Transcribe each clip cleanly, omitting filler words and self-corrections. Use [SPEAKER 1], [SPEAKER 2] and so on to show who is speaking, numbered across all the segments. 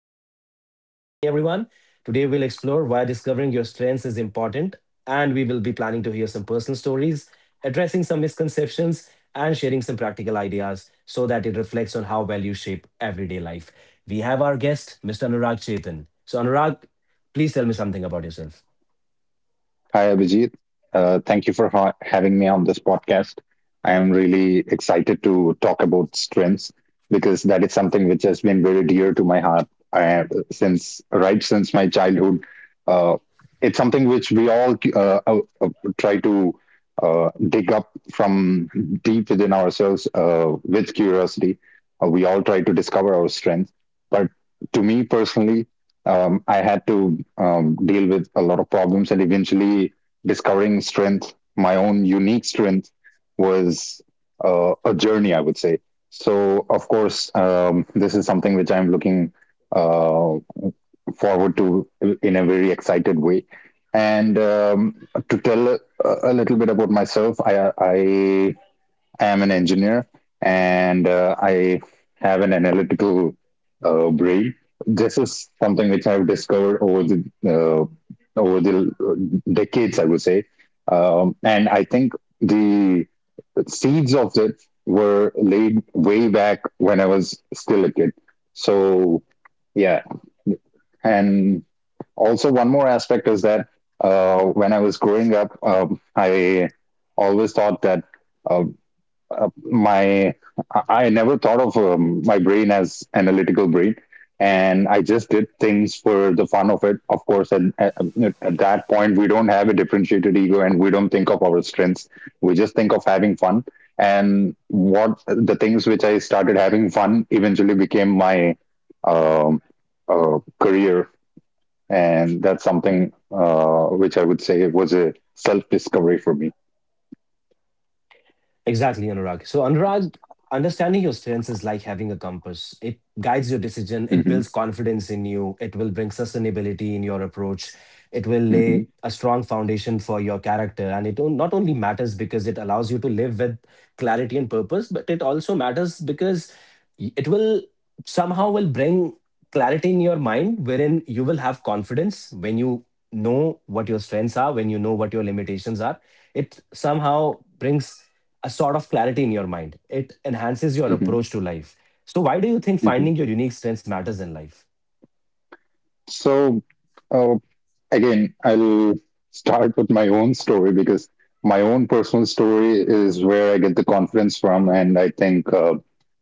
[SPEAKER 1] purpose. So, good evening, everyone. Today, we'll explore why discovering your strengths is important, and we will be planning to hear some personal stories, addressing some misconceptions, and sharing some practical ideas so that it reflects on how values shape everyday life. We have our guest, Mr. Anurag Chetan. So, Anurag, please tell me something about yourself.
[SPEAKER 2] Hi, Abhijit. Thank you for having me on this podcast. I am really excited to talk about strengths because that is something which has been very dear to my heart I, since since my childhood. Uh, it's something which we all try to dig up from deep within ourselves with curiosity. We all try to discover our strengths, but to me personally, I had to deal with a lot of problems, and eventually discovering strength, my own unique strength, was a journey, I would say. So, of course, this is something which I'm looking uh, forward to in a very excited way. And to tell a little bit about myself, I am an engineer and I have an analytical brain. This is something which I've discovered over the decades, I would say. And I think the seeds of it were laid way back when I was still a kid. So, yeah, and also one more aspect is that when I was growing up, I always thought that uh, my I never thought of my brain as analytical brain, and I just did things for the fun of it. Of course, at that point, we don't have a differentiated ego, and we don't think of our strengths. We just think of having fun. And what the things which I started having fun eventually became my um, career, and that's something which I would say was a self discovery for me.
[SPEAKER 1] Exactly, Anurag. So, Anurag, understanding your strengths is like having a compass. It guides your decision, it
[SPEAKER 2] Hmm.
[SPEAKER 1] builds confidence in you, it will bring sustainability in your approach, it will lay
[SPEAKER 2] Hmm.
[SPEAKER 1] a strong foundation for your character. And not only matters because it allows you to live with clarity and purpose, but it also matters because it will somehow will bring clarity in your mind wherein you will have confidence when you know what your strengths are, when you know what your limitations are, it somehow brings a sort of clarity in your mind. It enhances your
[SPEAKER 2] Hmm.
[SPEAKER 1] approach to life. So, why do you think
[SPEAKER 2] Hmm.
[SPEAKER 1] finding your unique strengths matters in life?
[SPEAKER 2] So, uh, again, I'll start with my own story because my own personal story is where I get the confidence from, and I think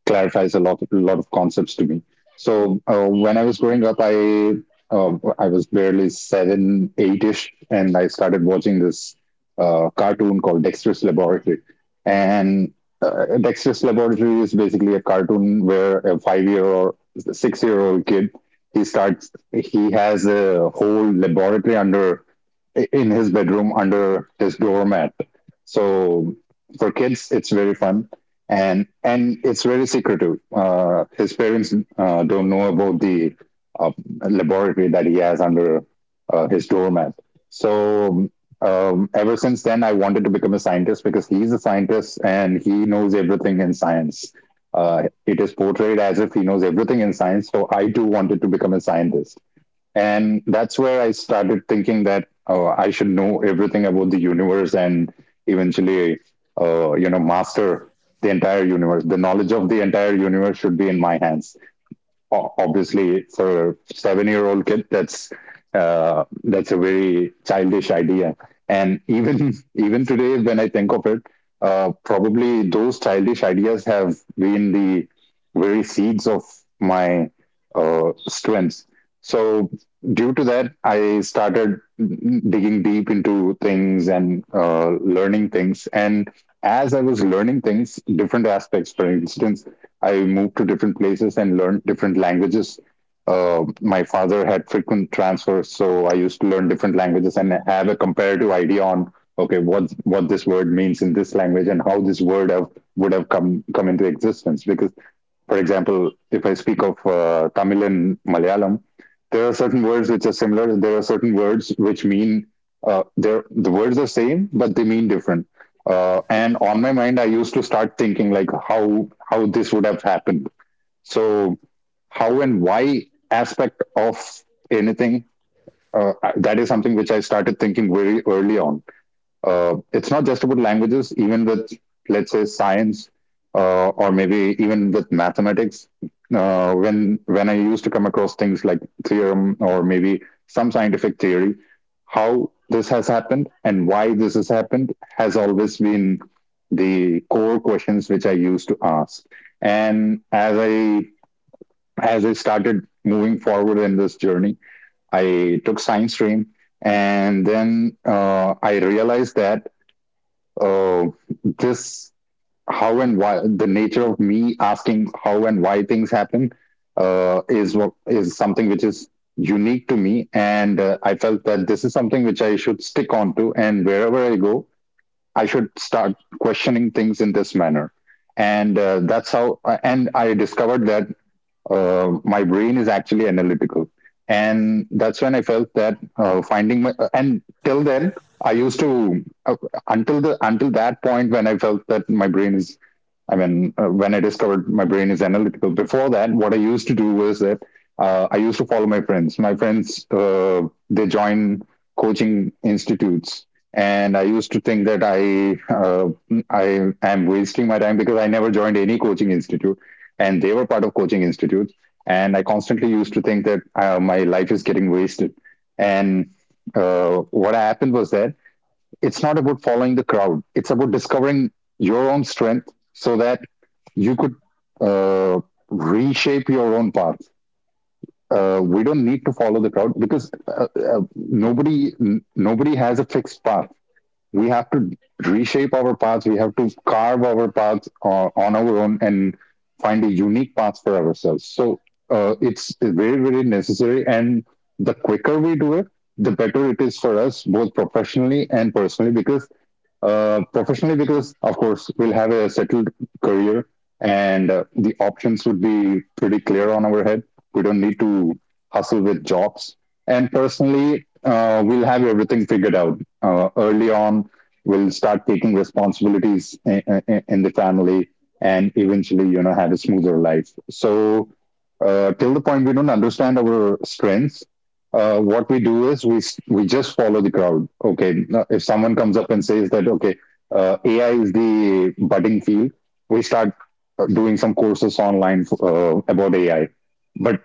[SPEAKER 2] clarifies a lot of concepts to me. So, when I was growing up, uh, I was barely seven, eight-ish, and I started watching this cartoon called Dexter's Laboratory, and Dexter's Laboratory is basically a cartoon where a 5-year or 6-year-old kid — he starts he has a whole laboratory under in his bedroom under his doormat. So for kids, it's very fun, and it's very secretive. His parents don't know about the uh, laboratory that he has under his doormat. So, ever since then, I wanted to become a scientist because he's a scientist and he knows everything in science. It is portrayed as if he knows everything in science. So I too wanted to become a scientist. And that's where I started thinking that I should know everything about the universe and eventually, master the entire universe. The knowledge of the entire universe should be in my hands. Obviously, for a 7-year-old kid, that's a very childish idea, and even even today when I think of it, probably those childish ideas have been the very seeds of my strengths. So due to that, I started digging deep into things and learning things, and as I was learning things, different aspects — for instance, I moved to different places and learned different languages. My father had frequent transfers, so I used to learn different languages and have a comparative idea on, okay, what this word means in this language and how this would have come into existence. Because, for example, if I speak of Tamil and Malayalam, there are certain words which are similar. There are certain words which mean — the words are same, but they mean different. And on my mind, I used to start thinking like how this would have happened. So, how and why aspect of anything, that is something which I started thinking very early on. It's not just about languages, even with, let's say, science, or maybe even with mathematics. When I used to come across things like theorem or maybe some scientific theory, how this has happened and why this has happened has always been the core questions which I used to ask. And as I started moving forward in this journey, I took science stream, and then I realized that uh, this — how and why, the nature of me asking how and why things happen, is what is something which is unique to me. And I felt that this is something which I should stick on to, and wherever I go, I should start questioning things in this manner. And that's how and I discovered that my brain is actually analytical. And that's when I felt that finding my — and till then I used to — until the until that point when I felt that my brain is — I mean, when I discovered my brain is analytical, before that, what I used to do was that I used to follow my friends. My friends, they join coaching institutes, and I used to think that uh, I am wasting my time because I never joined any coaching institute, and they were part of coaching institutes, and I constantly used to think that my life is getting wasted. And what happened was that it's not about following the crowd. It's about discovering your own strength so that you could uh, reshape your own path. We don't need to follow the crowd because uh, nobody has a fixed path. We have to reshape our paths. We have to carve our paths on our own and find a unique path for ourselves. So, it's very very necessary, and the quicker we do it, the better it is for us both professionally and personally. Because professionally, because of course we'll have a settled career, and the options would be pretty clear on our head. We don't need to hustle with jobs. And personally, we'll have everything figured out early on. We'll start taking responsibilities in the family, and eventually have a smoother life. So, till the point we don't understand our strengths, what we do is we just follow the crowd. Okay. Now, if someone comes up and says that, okay, AI is the budding field, we start doing some courses online about AI. But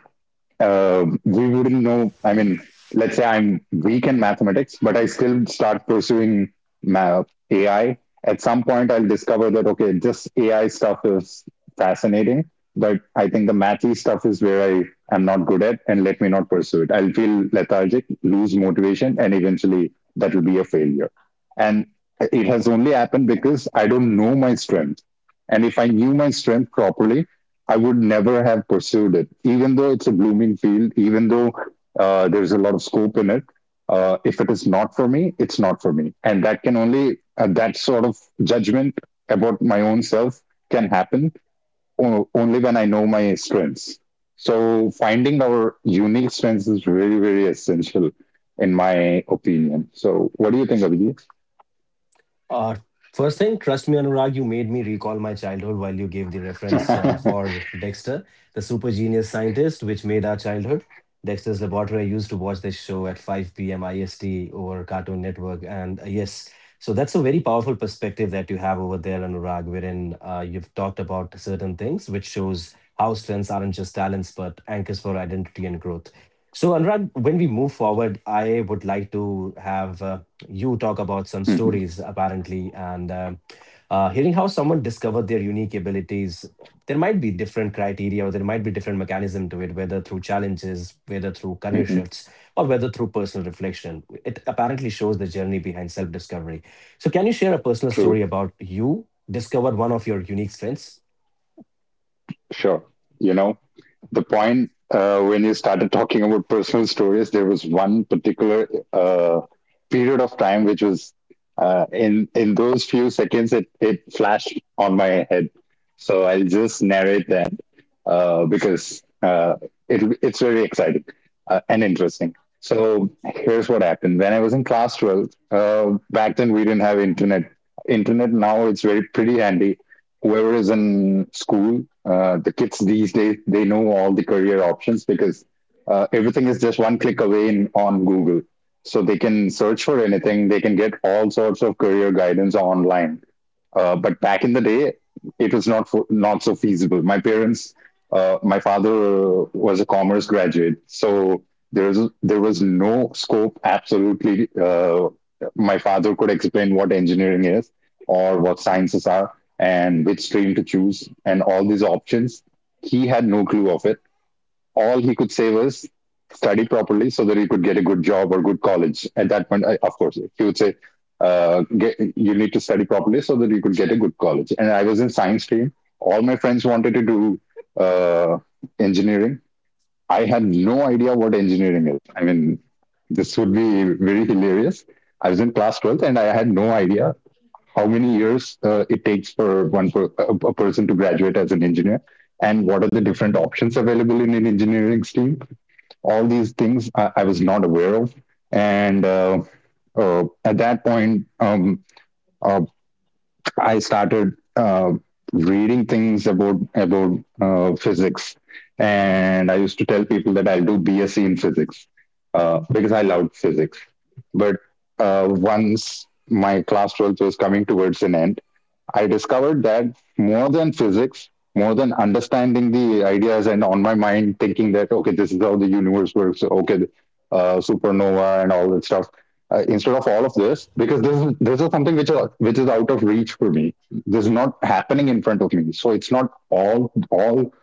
[SPEAKER 2] we wouldn't know. I mean, let's say I'm weak in mathematics, but I still start pursuing ma- AI. At some point, I'll discover that, okay, this AI stuff is fascinating, but I think the mathy stuff is where I am not good at, and let me not pursue it. I'll feel lethargic, lose motivation, and eventually that will be a failure. And it has only happened because I don't know my strength. And if I knew my strength properly, I would never have pursued it, even though it's a blooming field, even though there's a lot of scope in it. If it is not for me, it's not for me, and that can only that sort of judgment about my own self can happen only when I know my strengths. So finding our unique strengths is very very essential, in my opinion. So what do you think,
[SPEAKER 1] Uh, First thing, trust me, Anurag, you made me recall my childhood while you gave the reference
[SPEAKER 2] Abhijit?
[SPEAKER 1] for Dexter, the super genius scientist, which made our childhood. Dexter's Laboratory, I used to watch this show at 5 p.m. IST over Cartoon Network. And yes, so that's a very powerful perspective that you have over there, Anurag, wherein you've talked about certain things, which shows how strengths aren't just talents, but anchors for identity and growth. So, Anurag, when we move forward, I would like to have you talk about some
[SPEAKER 2] Mhm,
[SPEAKER 1] stories apparently, and hearing how someone discovered their unique abilities, there might be different criteria or there might be different mechanism to it, whether through challenges, whether through career
[SPEAKER 2] mhm.
[SPEAKER 1] shifts, or whether through personal reflection, it apparently shows the journey behind self-discovery. So can you share a personal story
[SPEAKER 2] True.
[SPEAKER 1] about you discovered one of your unique strengths?
[SPEAKER 2] Sure. You know, the point when you started talking about personal stories, there was one particular uh, period of time which was in those few seconds it flashed on my head. So I'll just narrate that, because it's very exciting and interesting. So here's what happened when I was in class 12. Back then, we didn't have internet. Internet now, it's very pretty handy. Whoever is in school, the kids these days, they know all the career options because everything is just one click away on Google. So they can search for anything, they can get all sorts of career guidance online. But back in the day, it was not so feasible. My parents — my father was a commerce graduate — so there was no scope. Absolutely, my father could explain what engineering is or what sciences are and which stream to choose and all these options. He had no clue of it. All he could say was, study properly so that he could get a good job or good college. At that point, of course, he would say, you need to study properly so that you could get a good college. And I was in science stream. All my friends wanted to do uh, engineering. I had no idea what engineering is. I mean, this would be very hilarious. I was in class 12th and I had no idea how many years it takes for a person to graduate as an engineer, and what are the different options available in an engineering stream. All these things I was not aware of. And uh, uh, at that point uh, I started reading things about physics, and I used to tell people that I'll do BSc in physics, because I loved physics. But once my class 12 was coming towards an end, I discovered that more than physics, more than understanding the ideas and on my mind thinking that, okay, this is how the universe works, okay, supernova and all that stuff. Instead of all of this, because this is something which is out of reach for me. This is not happening in front of me, so it's not all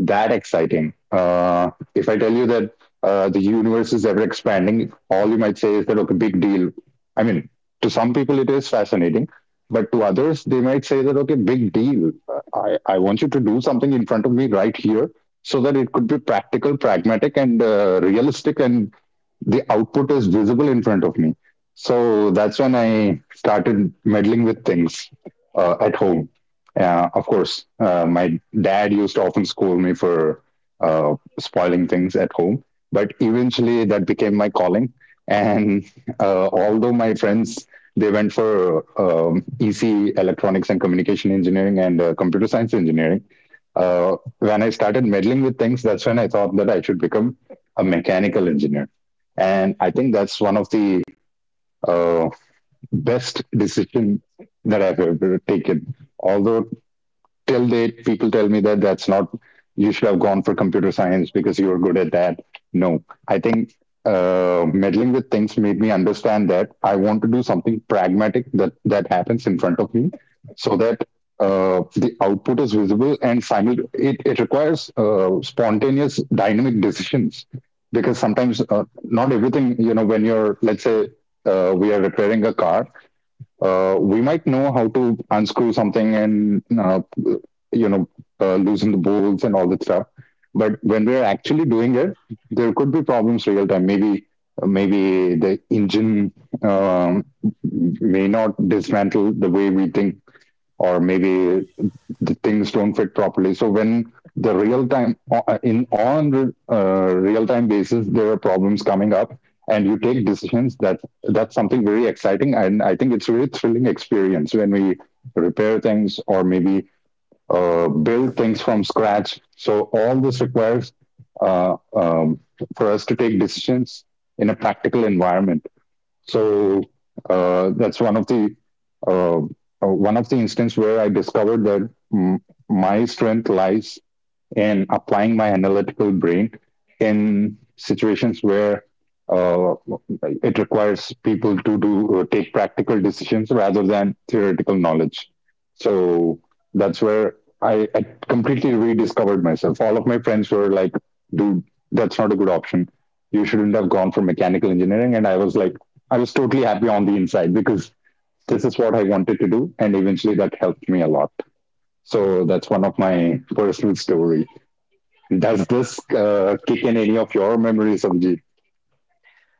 [SPEAKER 2] that exciting. If I tell you that the universe is ever expanding, all you might say is that, okay, big deal. I mean, to some people it is fascinating, but to others, they might say that, okay, big deal. I want you to do something in front of me right here so that it could be practical, pragmatic, and realistic, and the output is visible in front of me. So that's when I started meddling with things at home. Of course, my dad used to often scold me for spoiling things at home, but eventually that became my calling. And Although my friends, they went for EC, electronics and communication engineering, and computer science engineering, uh, when I started meddling with things, that's when I thought that I should become a mechanical engineer. And I think that's one of the uh, best decision that I've ever taken. Although till date, people tell me that that's not, you should have gone for computer science because you're good at that. No, I think meddling with things made me understand that I want to do something pragmatic that happens in front of me so that the output is visible and it requires spontaneous dynamic decisions, because sometimes not everything, you know, when you're, let's say, we are repairing a car, we might know how to unscrew something, and you know loosen the bolts and all that stuff. But when we're actually doing it, there could be problems real time. Maybe the engine um, may not dismantle the way we think, or maybe the things don't fit properly. So when the real time in on real time basis, there are problems coming up, and you take decisions. That's something very exciting, and I think it's a really thrilling experience when we repair things, or maybe build things from scratch. So all this requires uh, um, for us to take decisions in a practical environment. so that's uh, one of the instances where I discovered that my strength lies in applying my analytical brain in situations where uh, it requires people to do take practical decisions rather than theoretical knowledge. So that's where I completely rediscovered myself. All of my friends were like, "Dude, that's not a good option. You shouldn't have gone for mechanical engineering." And I was like, I was totally happy on the inside because this is what I wanted to do, and eventually that helped me a lot. So that's one of my personal story. Does this kick in any of your memories, Abhijit?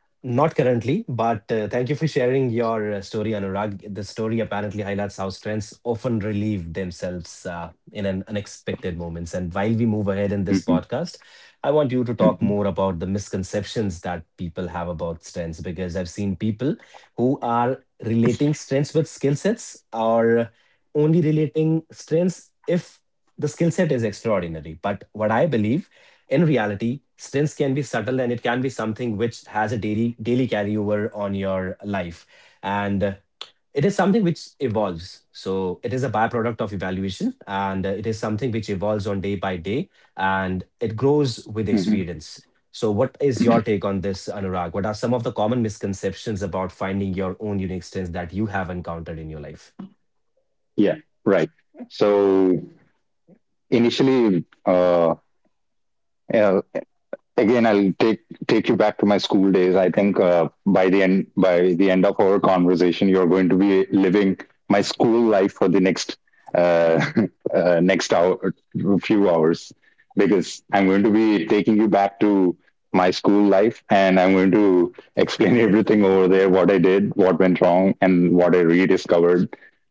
[SPEAKER 1] Not currently, but thank you for sharing your story, Anurag. The story apparently highlights how strengths often relieve themselves in an unexpected moments. And while we move ahead in this
[SPEAKER 2] Mhm,
[SPEAKER 1] podcast, I want you to talk more
[SPEAKER 2] mhm,
[SPEAKER 1] about the misconceptions that people have about strengths, because I've seen people who are relating strengths with skill sets or only relating strengths if the skill set is extraordinary. But what I believe in reality, stints can be subtle and it can be something which has a daily carryover on your life. And it is something which evolves. So it is a byproduct of evaluation, and it is something which evolves on day by day and it grows with
[SPEAKER 2] mhm.
[SPEAKER 1] experience. So what is your take on this, Anurag? What are some of the common misconceptions about finding your own unique strengths that you have encountered in your life?
[SPEAKER 2] Yeah, right. So initially, yeah, again, I'll take you back to my school days. I think by the end of our conversation you're going to be living my school life for the next uh, next hour, few hours, because I'm going to be taking you back to my school life, and I'm going to explain everything over there, what I did, what went wrong, and what I rediscovered.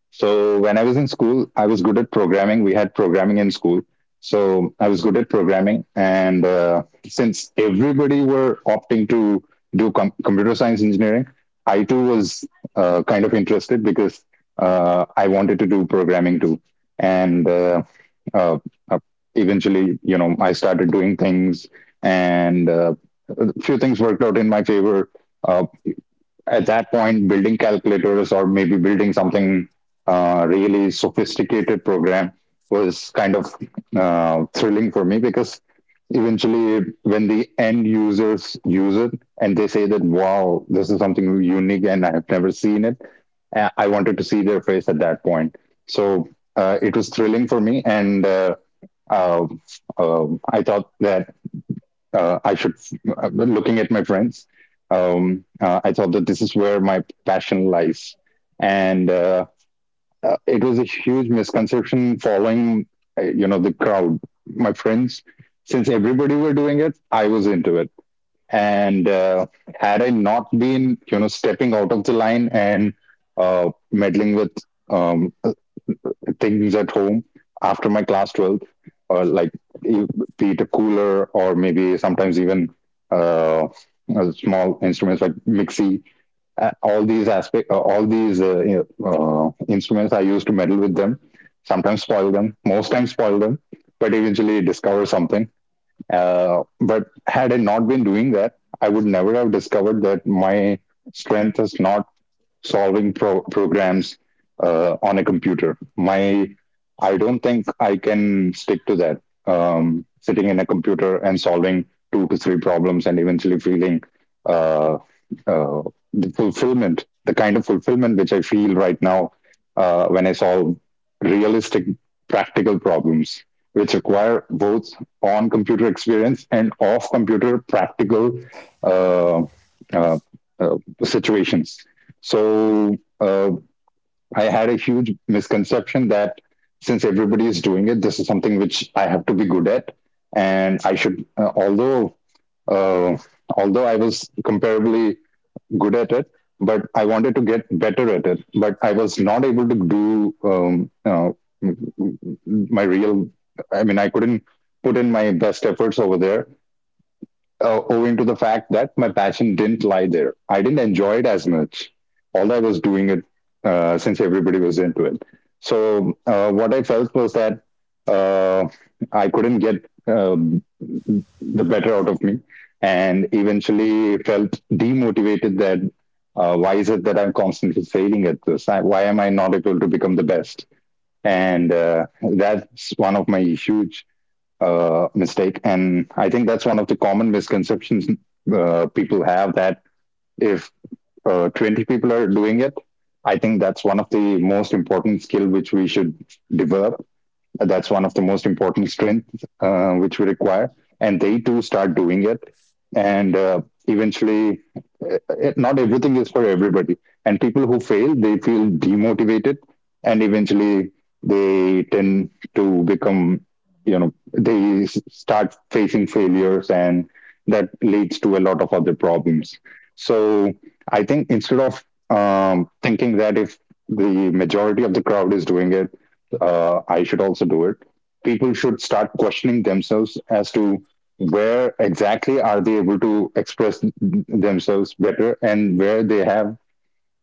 [SPEAKER 2] So when I was in school, I was good at programming. We had programming in school. So I was good at programming. And since everybody were opting to do computer science engineering, I too was kind of interested because I wanted to do programming too. And uh, uh, Eventually, you know, I started doing things, and a few things worked out in my favor. Uh, at that point, building calculators or maybe building something really sophisticated program was kind of thrilling for me, because eventually when the end users use it and they say that, wow, this is something unique and I have never seen it, I wanted to see their face at that point. so it was thrilling for me, and uh, uh, I thought that uh, I should, looking at my friends, I thought that this is where my passion lies. And It was a huge misconception, following, you know, the crowd. My friends, since everybody were doing it, I was into it. And Had I not been, you know, stepping out of the line, and meddling with um, things at home after my class 12th, or like e- be it a cooler or maybe sometimes even uh, small instruments like mixi, all these you know, instruments, I used to meddle with them, sometimes spoil them, most times spoil them, but eventually discover something. But had I not been doing that, I would never have discovered that my strength is not solving programs on a computer. I don't think I can stick to that. Sitting in a computer and solving 2 to 3 problems and eventually feeling uh, uh, the fulfillment, the kind of fulfillment which I feel right now when I solve realistic, practical problems, which require both on computer experience and off computer practical uh, uh, uh, situations. So I had a huge misconception that since everybody is doing it, this is something which I have to be good at, and I should. Uh, Although I was comparably good at it, but I wanted to get better at it, but I was not able to do my real. I mean, I couldn't put in my best efforts over there owing to the fact that my passion didn't lie there. I didn't enjoy it as much, although I was doing it since everybody was into it. So what I felt was that uh, I couldn't get the better out of me, and eventually felt demotivated that why is it that I'm constantly failing at this? Why am I not able to become the best? And That's one of my huge mistake. And I think that's one of the common misconceptions people have, that if 20 people are doing it, I think that's one of the most important skill which we should develop, that's one of the most important strengths which we require, and they too start doing it. And Eventually, it, not everything is for everybody. And people who fail, they feel demotivated, and eventually they tend to become, you know, they start facing failures, and that leads to a lot of other problems. So I think, instead of thinking that if the majority of the crowd is doing it, I should also do it, people should start questioning themselves as to where exactly are they able to express themselves better, and where they have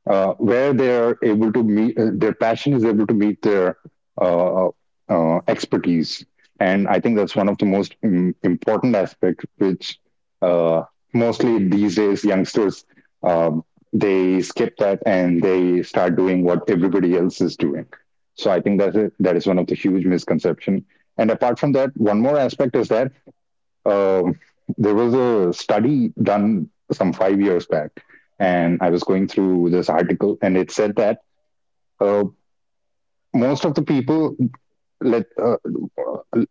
[SPEAKER 2] where they are able to meet their passion is able to meet their uh, expertise. And I think that's one of the most important aspect which uh, mostly these days youngsters um, they skip that, and they start doing what everybody else is doing. So I think that is one of the huge misconception. And apart from that, one more aspect is that um, there was a study done some 5 years back, and I was going through this article, and it said that uh, most of the people, let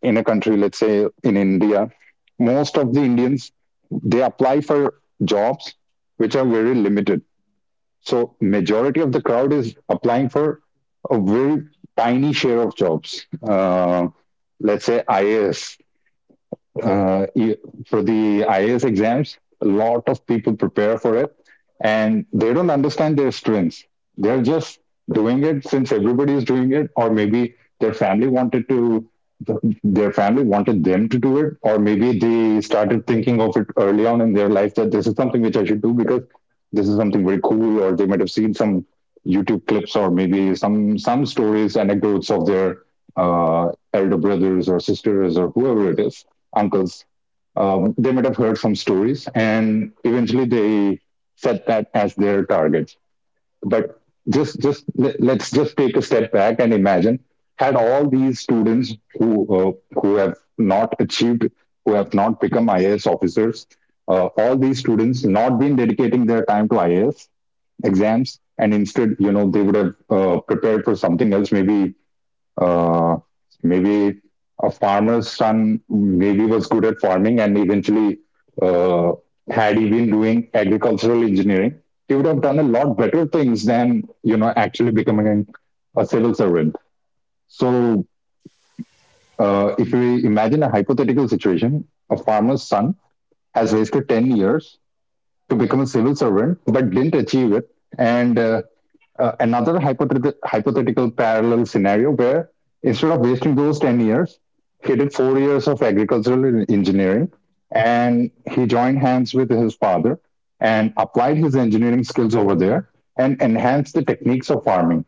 [SPEAKER 2] in a country, let's say in India, most of the Indians, they apply for jobs which are very limited. So majority of the crowd is applying for a very tiny share of jobs. Let's say IAS, uh, e- for the IAS exams, a lot of people prepare for it, and they don't understand their strengths. They're just doing it since everybody is doing it, or maybe their family wanted to, their family wanted them to do it, or maybe they started thinking of it early on in their life that this is something which I should do because this is something very cool, or they might have seen some YouTube clips or maybe some stories, anecdotes of their uh, elder brothers or sisters or whoever it is uncles. They might have heard some stories, and eventually they set that as their target. But just let- us just take a step back and imagine had all these students uh, who have not achieved who have not become IAS officers, all these students not been dedicating their time to IAS exams and instead, you know, they would have prepared for something else. Maybe uh, maybe a farmer's son maybe was good at farming and eventually, uh, had he been doing agricultural engineering, he would have done a lot better things than, you know, actually becoming a civil servant. So if we imagine a hypothetical situation, a farmer's son has wasted 10 years to become a civil servant but didn't achieve it, and another hypothetical parallel scenario where instead of wasting those 10 years, he did 4 years of agricultural engineering, and he joined hands with his father and applied his engineering skills over there and enhanced the techniques of farming.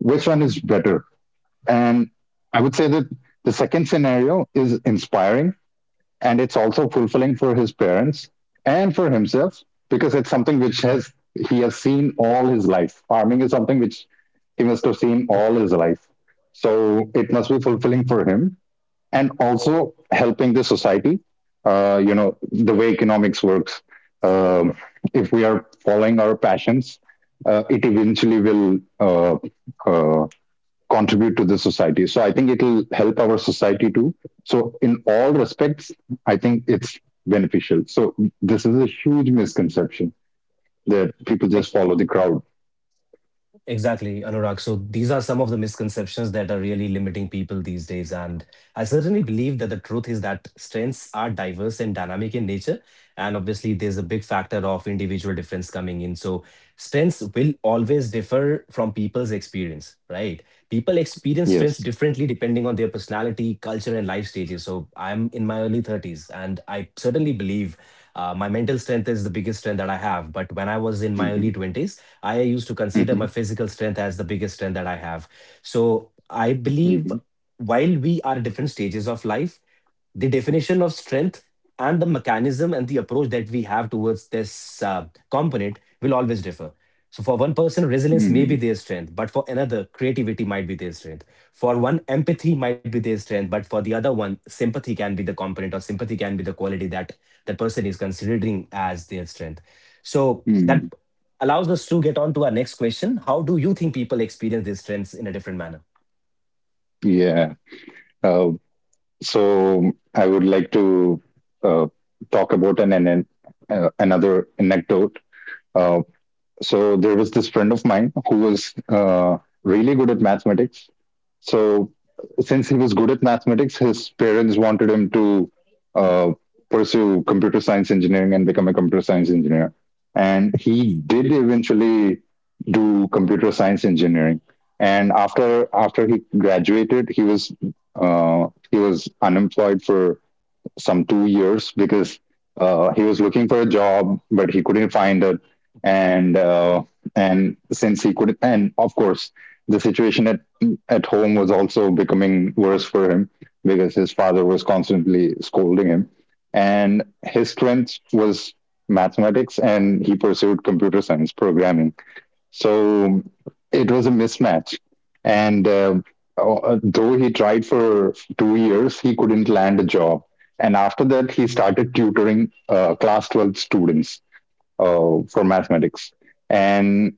[SPEAKER 2] Which one is better? And I would say that the second scenario is inspiring, and it's also fulfilling for his parents and for himself because it's something which has he has seen all his life farming is something which he must have seen all his life, so it must be fulfilling for him and also helping the society. You know, the way economics works, um, if we are following our passions, it eventually will uh, contribute to the society. So I think it'll help our society too. So in all respects, I think it's beneficial. So this is a huge misconception, that people just follow the crowd.
[SPEAKER 1] Exactly, Anurag. So these are some of the misconceptions that are really limiting people these days. And I certainly believe that the truth is that strengths are diverse and dynamic in nature. And obviously, there's a big factor of individual difference coming in. So strengths will always differ from people's experience, right? People experience strengths
[SPEAKER 2] Yes.
[SPEAKER 1] differently depending on their personality, culture, and life stages. So I'm in my early 30s, and I certainly believe my mental strength is the biggest strength that I have. But when I was in my
[SPEAKER 2] Hmm.
[SPEAKER 1] early 20s, I used to consider
[SPEAKER 2] Hmm.
[SPEAKER 1] my physical strength as the biggest strength that I have. So I
[SPEAKER 2] Hmm.
[SPEAKER 1] believe while we are at different stages of life, the definition of strength and the mechanism and the approach that we have towards this component will always differ. So, for one person, resilience may
[SPEAKER 2] Hmm.
[SPEAKER 1] be their strength, but for another, creativity might be their strength. For one, empathy might be their strength, but for the other one, sympathy can be the component, or sympathy can be the quality that that person is considering as their strength. So, that
[SPEAKER 2] Hmm.
[SPEAKER 1] allows us to get on to our next question: how do you think people experience these strengths in a different manner?
[SPEAKER 2] Yeah. Uh, so I would like to uh, talk about an another anecdote. Um so there was this friend of mine who was really good at mathematics. So since he was good at mathematics, his parents wanted him to uh, pursue computer science engineering and become a computer science engineer, and he did eventually do computer science engineering. And after he graduated, he was unemployed for some 2 years because he was looking for a job, but he couldn't find it. And uh, and since he couldn't, and of course, the situation at home was also becoming worse for him because his father was constantly scolding him. And his strength was mathematics, and he pursued computer science programming, so it was a mismatch. And though he tried for 2 years, he couldn't land a job. And after that, he started tutoring class 12 students for mathematics. And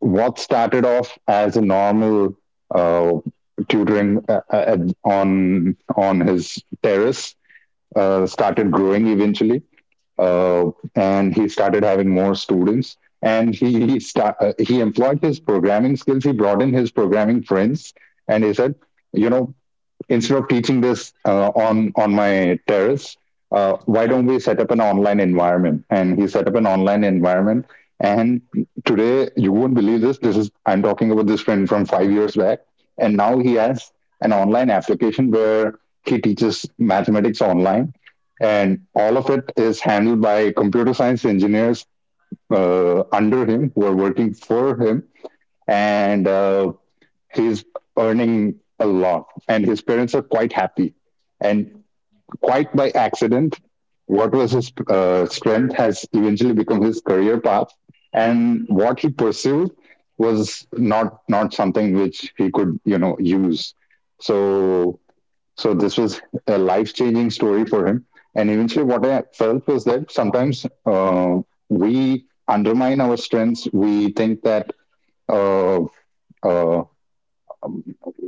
[SPEAKER 2] what started off as a normal uh, tutoring on his terrace started growing eventually, uh, and he started having more students. And he employed his programming skills. He brought in his programming friends, and he said, you know, instead of teaching this on my terrace, why don't we set up an online environment? And he set up an online environment. And today, you won't believe this. This is I'm talking about this friend from 5 years back, and now he has an online application where he teaches mathematics online, and all of it is handled by computer science engineers under him who are working for him. And he's earning a lot, and his parents are quite happy. And quite by accident, what was his strength has eventually become his career path, and what he pursued was not something which he could, you know, use. So so this was a life changing story for him. And eventually what I felt was that sometimes, we undermine our strengths. We think that uh, uh,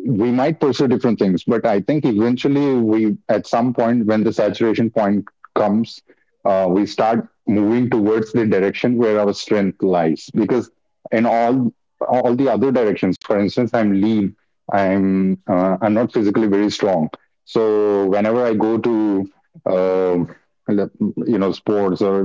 [SPEAKER 2] we might pursue different things, but I think eventually we, at some point when the saturation point comes, we start moving towards the direction where our strength lies. Because in all the other directions, for instance, I'm lean, I'm not physically very strong. So whenever I go to uh, you know, sports or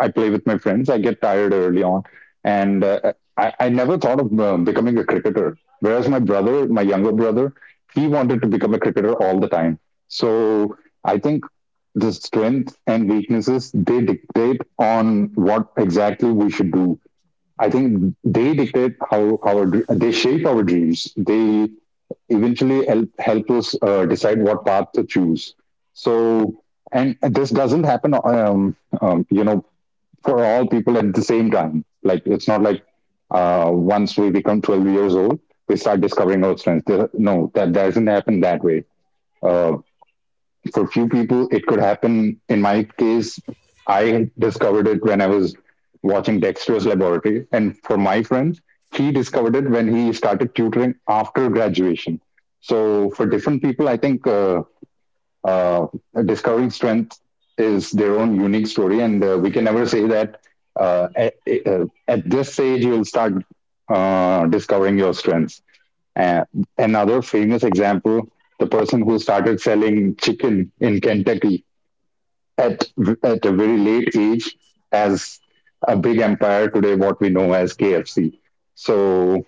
[SPEAKER 2] I play with my friends, I get tired early on, and I never thought of becoming a cricketer. Whereas my brother, my younger brother, he wanted to become a cricketer all the time. So I think the strengths and weaknesses, they dictate on what exactly we should do. I think they dictate how our they shape our dreams. They eventually help us decide what path to choose. So and this doesn't happen you know, for all people at the same time. Like it's not like once we become 12 years old, we start discovering our strengths. There- No, that doesn't happen that way. Uh, for few people, it could happen. In my case, I discovered it when I was watching Dexter's Laboratory, and for my friend, he discovered it when he started tutoring after graduation. So for different people, I think uh, discovering strength is their own unique story, and we can never say that uh, at, at this age you'll start discovering your strengths. Uh, Another famous example: the person who started selling chicken in Kentucky at a very late age as a big empire today, what we know as KFC. So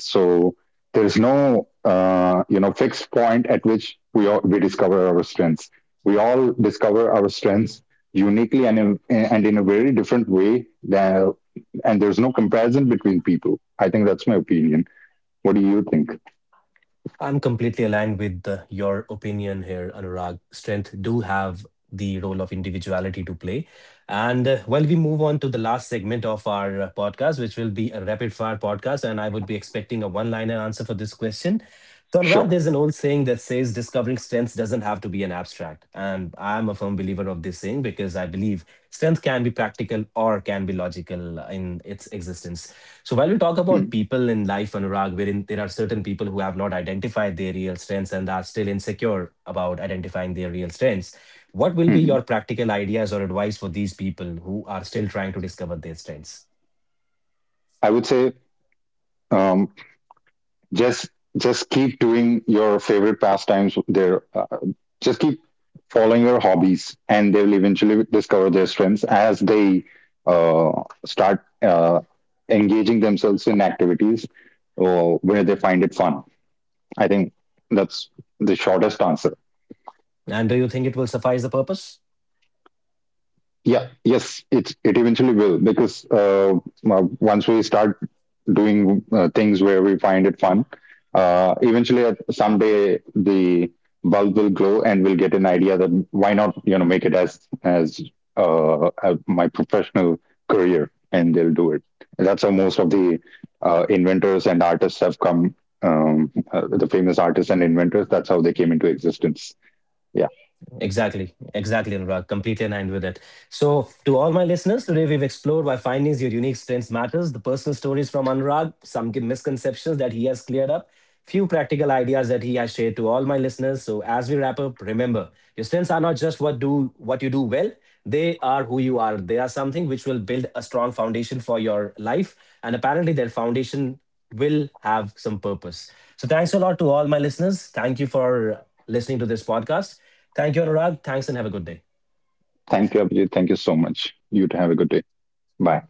[SPEAKER 2] so there's no you know, fixed point at which we all, we discover our strengths. We all discover our strengths uniquely and and in a very different way. Than, and there's no comparison between people. I think that's my opinion. What do you think?
[SPEAKER 1] I'm completely aligned with your opinion here, Anurag. Strength do have the role of individuality to play. And while we move on to the last segment of our podcast, which will be a rapid fire podcast, and I would be expecting a one liner answer for this question. So, Anurag,
[SPEAKER 2] Sure.
[SPEAKER 1] there's an old saying that says discovering strengths doesn't have to be an abstract. And I'm a firm believer of this saying because I believe strength can be practical or can be logical in its existence. So while we talk about people in life, Anurag, wherein there are certain people who have not identified their real strengths and are still insecure about identifying their real strengths, what will be
[SPEAKER 2] Mhm.
[SPEAKER 1] your practical ideas or advice for these people who are still trying to discover their strengths?
[SPEAKER 2] I would say, um, just keep doing your favorite pastimes there. Just keep following your hobbies, and they will eventually discover their strengths as they uh, start uh, engaging themselves in activities where they find it fun. I think that's the shortest answer.
[SPEAKER 1] And do you think it will suffice the purpose?
[SPEAKER 2] Yeah, yes, it eventually will, because once we start doing things where we find it fun, eventually at someday the bulb will glow, and we'll get an idea that why not, you know, make it as as my professional career, and they'll do it. And that's how most of the inventors and artists have come. The famous artists and inventors. That's how they came into existence. Yeah.
[SPEAKER 1] Exactly, exactly, Anurag. Completely aligned with it. So, to all my listeners, today we've explored why findings your unique strengths matters, the personal stories from Anurag, some misconceptions that he has cleared up, few practical ideas that he has shared to all my listeners. So, as we wrap up, remember your strengths are not just what do what you do well; they are who you are. They are something which will build a strong foundation for your life, and apparently, that foundation will have some purpose. So, thanks a lot to all my listeners. Thank you for listening to this podcast. Thank you, Anurag. Thanks, and have a good day.
[SPEAKER 2] Thank you, Abhijit. Thank you so much. You have a good day. Bye.